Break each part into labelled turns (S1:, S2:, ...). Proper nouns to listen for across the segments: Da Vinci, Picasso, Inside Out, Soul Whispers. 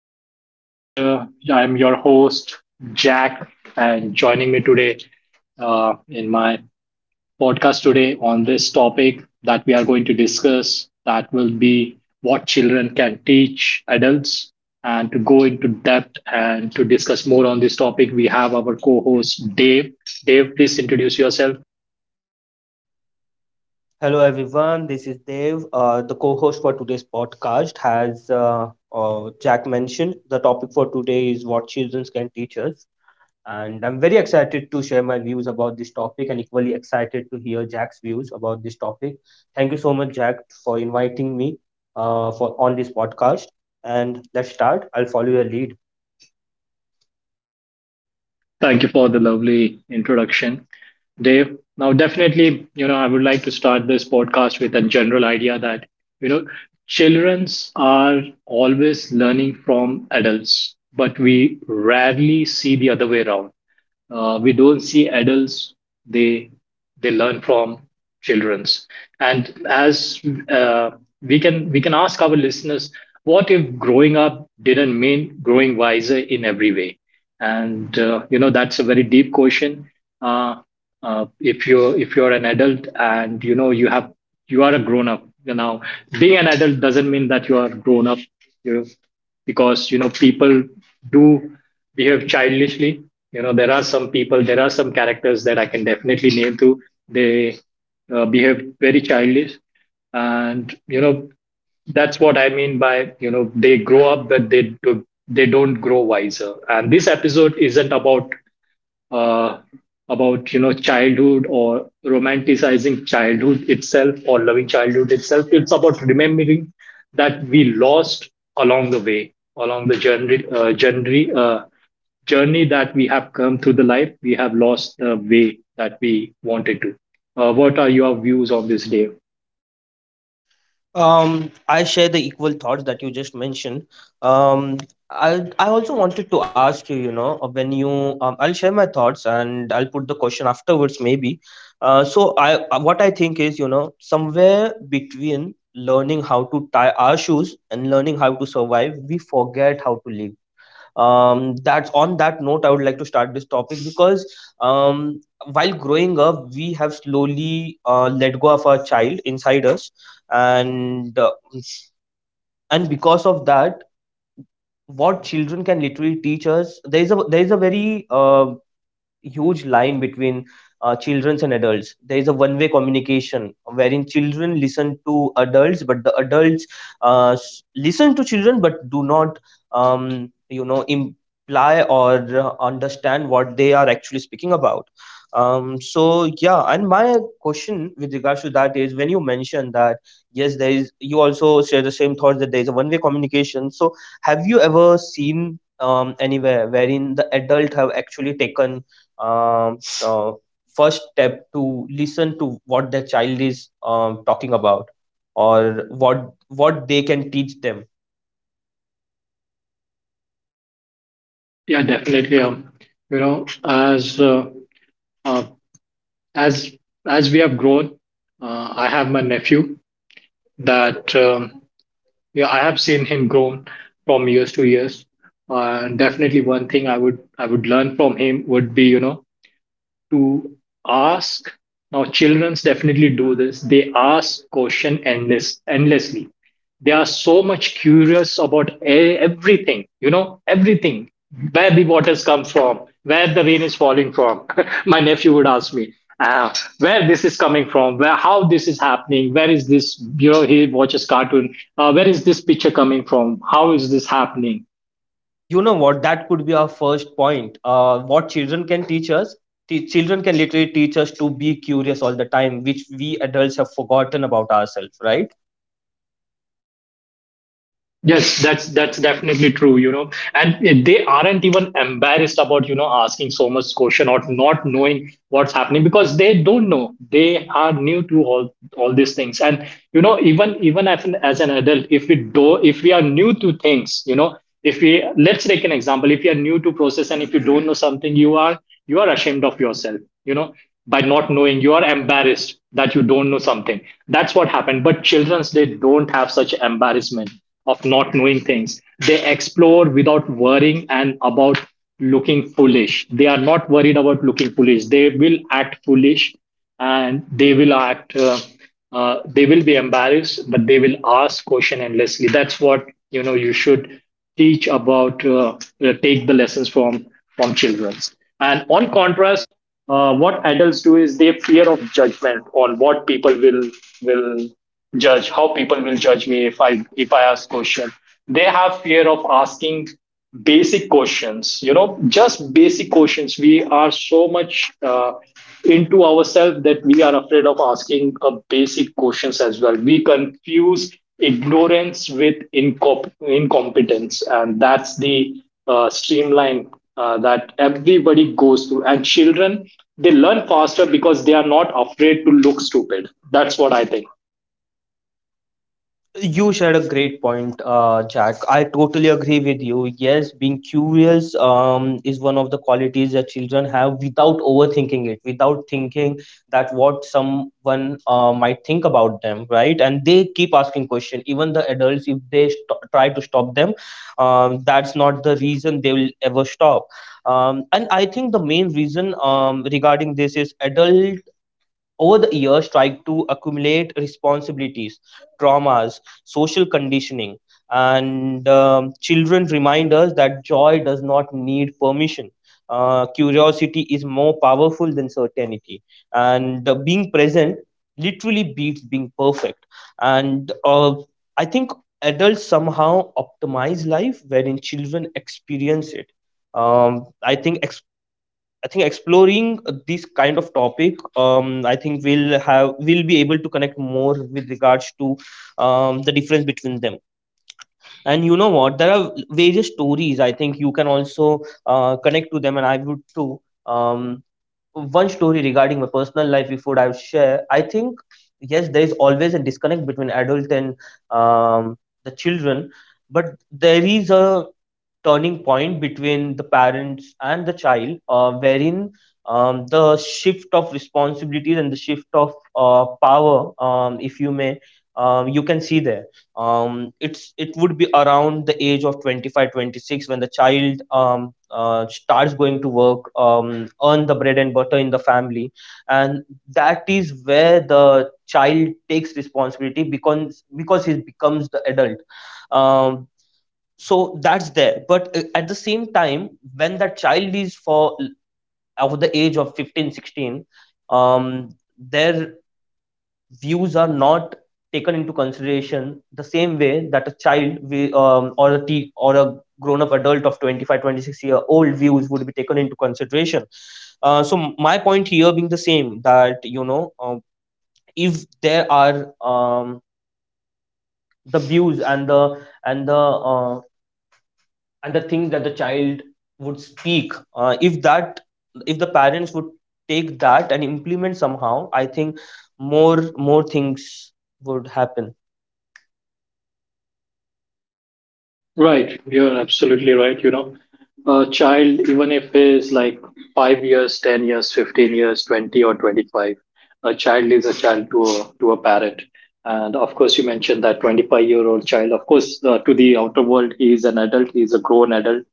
S1: the podcast. I'm your host, Jack, and joining me today in my podcast today on this topic that we are going to discuss that will be what children can teach adults. And to go into depth and to discuss more on this topic, we have our co host, Dave. Dave, please introduce yourself.
S2: Hello, everyone. This is Dev. The co host for today's podcast has Jack mentioned. The topic for today is what children can teach us. And I'm very excited to share my views about this topic and equally excited to hear Jack's views about this topic. Thank you so much, Jack, for inviting me for on this podcast. And let's start. I'll follow your lead.
S1: Thank you for the lovely introduction, Dave. Now, definitely, you know, I would like to start this podcast with a general idea that, you know, childrens are always learning from adults, but we rarely see the other way around. We don't see adults, they they learn from children's. And as uh, we can ask our listeners, what if growing up didn't mean growing wiser in every way? And that's a very deep question. uh, if you're an adult and you are a grown up, being an adult doesn't mean that you are grown up, you because people do behave childishly. You know there are some people, there are some characters that I can definitely name to. They behave very childish, and that's what I mean by they grow up, but they do, they don't grow wiser. And this episode isn't about uh, childhood, or romanticizing childhood itself, or loving childhood itself. It's about remembering that we lost along the way, along the journey that we have come through. The life we have lost, the way that we wanted to. What are your views on this, Dave?
S2: I share the equal thoughts that you just mentioned. Um, I also wanted to ask you, you know, when you I'll share my thoughts and I'll put the question afterwards maybe. So I What I think is, you know, somewhere between learning how to tie our shoes and learning how to survive, we forget how to live. That's on that note I would like to start this topic, because um while growing up we have slowly let go of our child inside us. And uh, and because of that, what children can literally teach us, there is a very huge line between children and adults. There is a one-way communication wherein children listen to adults, but the adults listen to children, but do not, you know, imply or understand what they are actually speaking about. So yeah, and my question with regards to that is, when you mention that yes, there is. You also share the same thought that there is a one-way communication. So have you ever seen anywhere wherein the adult have actually taken um, uh, first step to listen to what their child is talking about, or what they can teach them?
S1: Yeah, definitely. You know, uh, as as we have grown, I have my nephew that yeah, I have seen him grown from years to years. And definitely one thing I would learn from him would be, to ask. Now, childrens definitely do this. They ask question endlessly. They are so much curious about everything. Everything. Where the waters come from, where the rain is falling from. My nephew would ask me. "Ah, where this is coming from, where how this is happening, where is this? He watches cartoon. Where is this picture coming from? How is this happening?"
S2: You know what, that could be our first point. What children can teach us, children can literally teach us to be curious all the time, which we adults have forgotten about ourselves, right?
S1: Yes, that's definitely true. And they aren't even embarrassed about asking so much question or not knowing what's happening, because they don't know. They are new to all these things. And even as an adult, if we are new to things, if we let's take an example. If you are new to process and if you don't know something, you are ashamed of yourself. By not knowing, you are embarrassed that you don't know something. That's what happened. But children's, they don't have such embarrassment of not knowing things. They explore without worrying and about looking foolish. They are not worried about looking foolish. They will act foolish, and they will they will be embarrassed, but they will ask question endlessly. That's what, you should teach about, take the lessons from children. And on contrast, what adults do is they fear of judgment on what people will judge how people will judge me if I ask question. They have fear of asking basic questions, just basic questions. We are so much into ourselves that we are afraid of asking basic questions as well. We confuse ignorance with incompetence, and that's the streamline that everybody goes through. And children, they learn faster because they are not afraid to look stupid. That's what I think.
S2: You shared a great point, Jack. I totally agree with you. Yes, being curious is one of the qualities that children have without overthinking it, without thinking that what someone might think about them, right? And they keep asking question. Even the adults, if they try to stop them, that's not the reason they will ever stop. And I think the main reason, regarding this, is adult over the years tried to accumulate responsibilities, traumas, social conditioning, and children remind us that joy does not need permission, curiosity is more powerful than certainty, and being present literally beats being perfect. And uh, i think adults somehow optimize life wherein children experience it. um, i think I think exploring this kind of topic, I think we'll be able to connect more with regards to the difference between them. And you know what? There are various stories. I think you can also connect to them, and I would too. One story regarding my personal life before I share. I think yes, there is always a disconnect between adult and, um, the children, but there is a turning point between the parents and the child, wherein the shift of responsibilities and the shift of power, if you may, you can see there. It would be around the age of 25, 26, when the child starts going to work, earn the bread and butter in the family, and that is where the child takes responsibility, because he becomes the adult. um that's there, but at the same time, when that child is for over the age of 15, 16, um there views are not taken into consideration the same way that a child wi- or a te- or a grown up adult of 25, 26 year old views would be taken into consideration. So my point here being the same that, you know, if there are, the views and the and the uh, and the things that the child would speak, if the parents would take that and implement somehow, I think more things would happen.
S1: Right, you're absolutely right. A child, even if is like 5 years, 10 years, 15 years, 20 or 25, a child is a child to a parent. And of course, you mentioned that 25-year old child. Of course, to the outer world, he is an adult. He is a grown adult,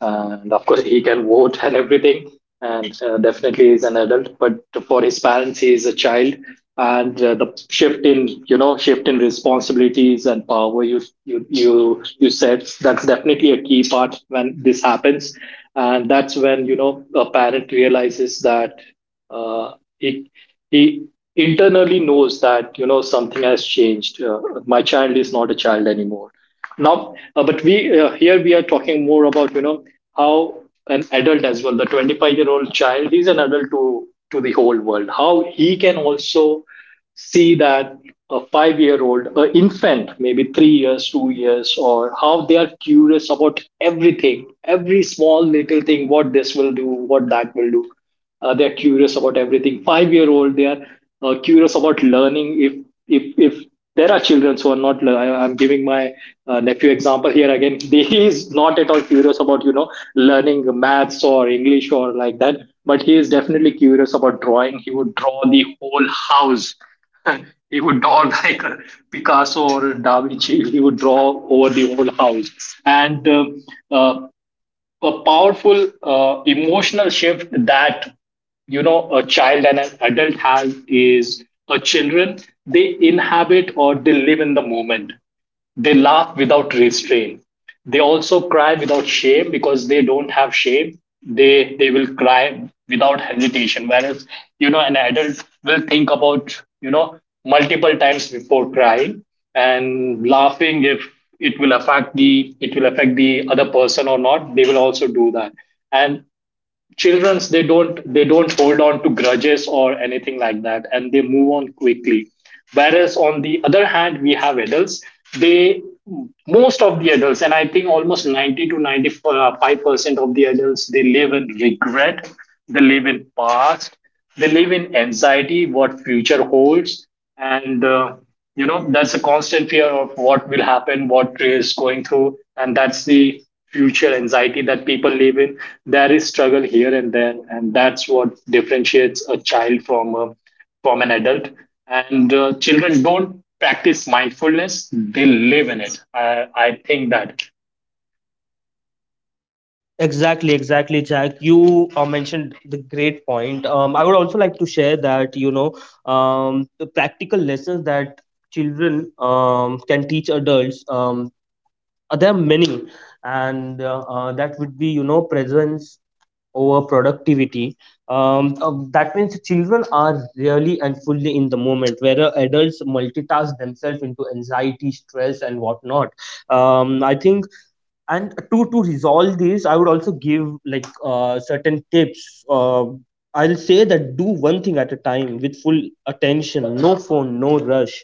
S1: and of course he can vote and everything, and definitely is an adult, but for his parents he is a child. And the shift in responsibilities and power, you said that's definitely a key part when this happens. And that's when a parent realizes that uh, he he internally knows that something has changed. My child is not a child anymore. Now but we here we are talking more about how an adult as well, the 25-year-old child is an adult to the whole world, how he can also see that a 5-year old, an infant, maybe 3 years, 2 years, or how they are curious about everything, every small little thing, what this will do, what that will do. They're curious about everything. 5-year old, they are curious about learning. If if if there are children who are not I'm giving my nephew example here again. He is not at all curious about learning maths or english or like that, but he is definitely curious about drawing. He would draw the whole house. He would draw like a Picasso or a Da Vinci. He would draw over the whole house. And uh, a powerful emotional shift that a child and an adult has is, a children, they inhabit or they live in the moment. They laugh without restraint. They also cry without shame, because they don't have shame. They will cry without hesitation. Whereas an adult will think about multiple times before crying and laughing, if it will affect the other person or not. They will also do that. And children's, they don't hold on to grudges or anything like that, and they move on quickly. Whereas on the other hand we have adults, they most of the adults, and I think almost 90 to 95% of the adults, they live in regret. They live in past, they live in anxiety, what future holds, and that's a constant fear of what will happen, what is going through. And that's the future anxiety that people live in. There is struggle here and there, and that's what differentiates a child from an adult. And children don't practice mindfulness; they live in it. I think that.
S2: Exactly, exactly, Jack. You mentioned the great point. I would also like to share that, you know, the practical lessons that children can teach adults, there are many. And That would be, you know, presence over productivity. That means children are really and fully in the moment, whereas adults multitask themselves into anxiety, stress, and whatnot. I think and to resolve this, I would also give like certain tips. uh, I'll say that do one thing at a time with full attention, no phone, no rush.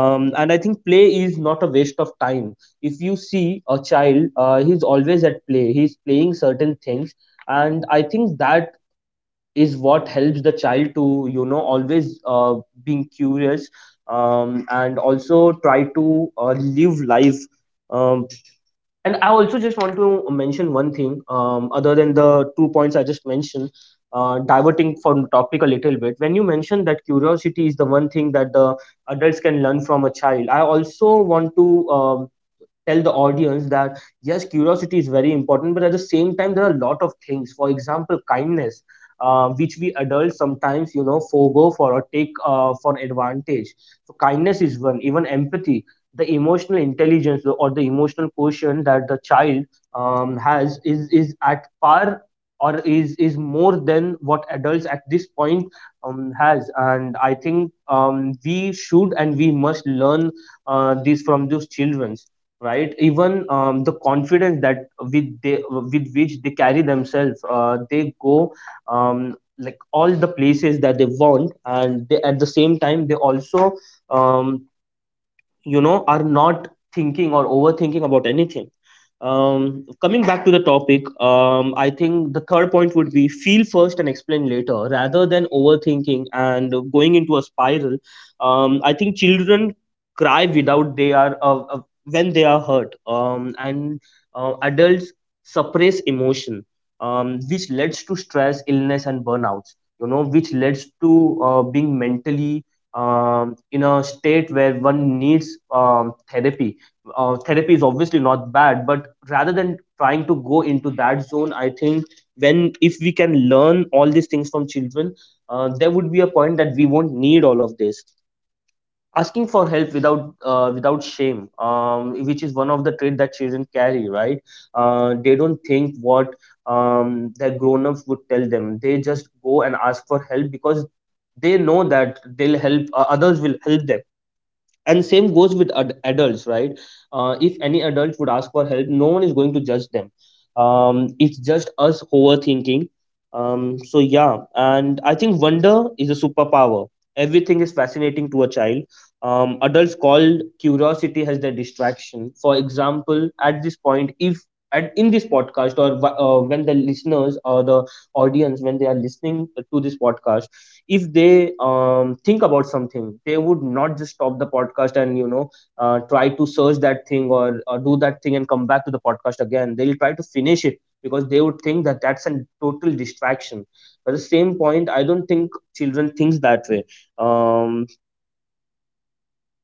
S2: And I think play is not a waste of time. If you see a child, he's always at play, he's playing certain things, and I think that is what helps the child to, you know, always uh, being curious, and also try to uh, live life. um, and I also just want to mention one thing, other than the two points I just mentioned, diverting from topic a little bit. When you mentioned that curiosity is the one thing that the adults can learn from a child, I also want to tell the audience that yes, curiosity is very important, but at the same time, there are a lot of things, for example, kindness, which we adults sometimes, you know, forego for or take for an advantage. So kindness is one, even empathy, the emotional intelligence or the emotional quotient that the child has, is at par or is more than what adults at this point has. And I think we should and we must learn this from those children, right? Even the confidence that with they with which they carry themselves, they go like all the places that they want, and at the same time, they also um, you know, are not thinking or overthinking about anything. Coming back to the topic, I think the third point would be feel first and explain later, rather than overthinking and going into a spiral. I think children cry without they are when they are hurt, and adults suppress emotion, which leads to stress, illness, and burnouts, you know, which leads to being mentally in a state where one needs therapy. Therapy is obviously not bad, but rather than trying to go into that zone, I think when if we can learn all these things from children, there would be a point that we won't need all of this. Asking for help without without shame, which is one of the trait that children carry, right? They don't think what their grown-ups would tell them, they just go and ask for help, because they know that they'll help others will help them. And same goes with adults, right? If any adult would ask for help, no one is going to judge them. It's just us overthinking. So yeah, and I think wonder is a superpower, everything is fascinating to a child. Adults call curiosity as their distraction. For example, at this point, if at in this podcast, or when the listeners or the audience, when they are listening to this podcast, if they think about something, they would not just stop the podcast and, you know, try to search that thing, or do that thing and come back to the podcast again. They'll try to finish it because they would think that that's a total distraction. But the same point, I don't think children thinks that way. um,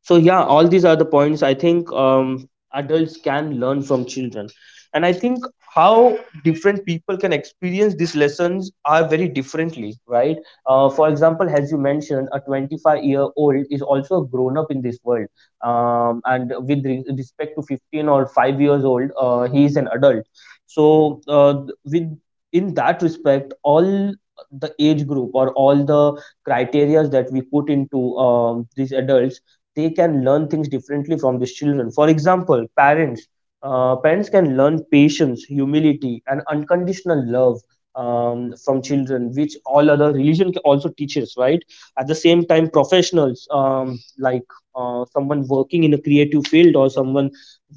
S2: so yeah, all these are the points, I think, adults can learn from children. And I think how different people can experience these lessons are very differently, right? For example, as you mentioned, a 25-year-old is also a grown up in this world, and with respect to 15 or 5 years old, he is an adult. So with in that respect, all the age group or all the criterias that we put into these adults, they can learn things differently from these children. For example, parents. Parents can learn patience, humility, and unconditional love from children, which all other religion also teaches, right? At the same time, professionals like someone working in a creative field, or someone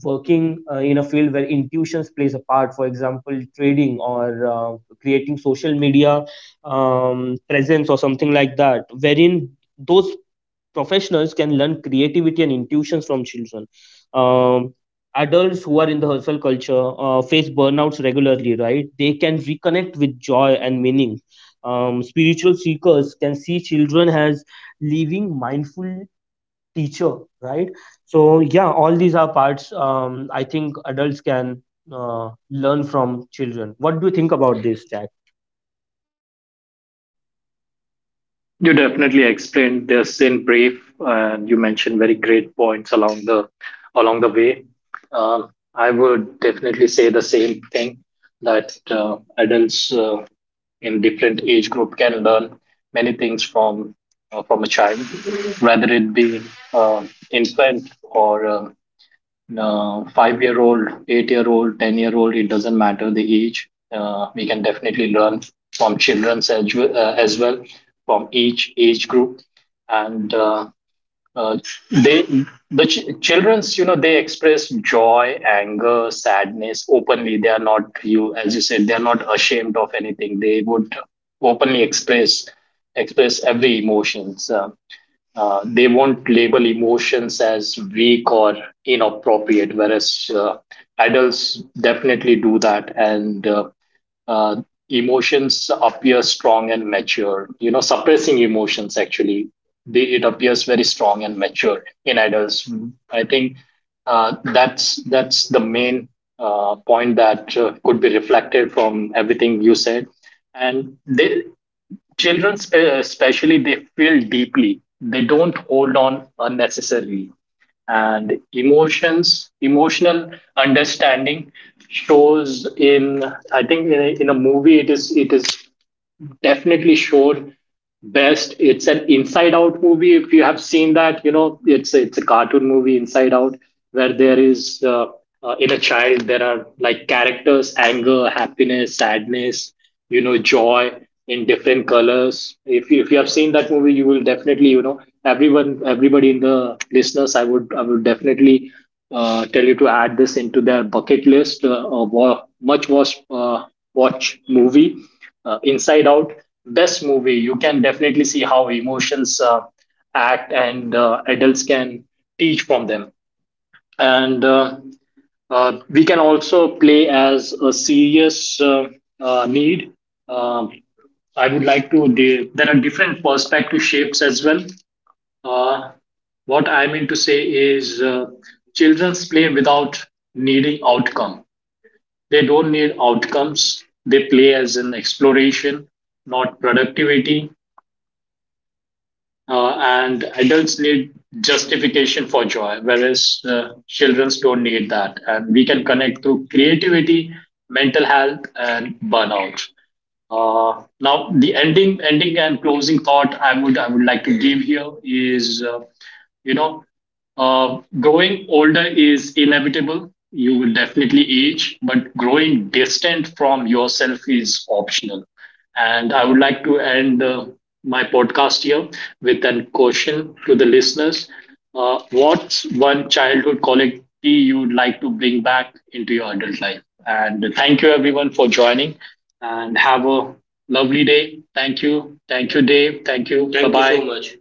S2: working in a field where intuitions plays a part, for example, trading or creating social media presence or something like that, wherein those professionals can learn creativity and intuitions from children. Um, Adults who are in the hustle culture face burnouts regularly, right? They can reconnect with joy and meaning. Spiritual seekers can see children as living mindful teacher, right? So yeah, all these are parts. I think adults can learn from children. What do you think about this, Jack?
S1: You definitely explained this in brief, and you mentioned very great points along the way. I would definitely say the same thing that adults in different age group can learn many things from a child, whether it be uh, infant or 5-year old, 8-year old, 10-year old. It doesn't matter the age. We can definitely learn from children as well, from each age group. And uh, they children's, you know, they express joy, anger, sadness openly. They are not You, as you said, they are not ashamed of anything. They would openly express every emotions. They won't label emotions as weak or inappropriate, whereas adults definitely do that. And uh, emotions appear strong and mature. Suppressing emotions actually, it appears very strong and mature in adults. Mm. I think that's the main point that could be reflected from everything you said. And they, Children, especially, they feel deeply. They don't hold on unnecessarily. And emotional understanding shows in, I think, in a movie. It is definitely sure best. It's an Inside Out movie. If you have seen that, you know it's a cartoon movie, Inside Out, where there is in a child there are like characters, anger, happiness, sadness, joy in different colors. If you have seen that movie, you will definitely you know everyone everybody in the listeners. I would definitely. Tell you to add this into their bucket list, or wa- much watch, watch movie Inside Out, best movie. You can definitely see how emotions act, and adults can teach from them. And we can also play as a serious need. Um I would there are different perspective shapes as well. Uh, what I mean to say is, children's play without needing outcome, they don't need outcomes. They play as an exploration, not productivity. And adults need justification for joy, whereas children don't need that. And we can connect through creativity, mental health, and burnout. Now, the ending and closing thought I would like to give here is, you know, growing older is inevitable. You will definitely age, but growing distant from yourself is optional. And I would like to end my podcast here with a question to the listeners. What's one childhood quality you'd like to bring back into your adult life? And thank you everyone for joining, and have a lovely day. Thank you. Thank you, Dave. Thank you. Thank Bye-bye.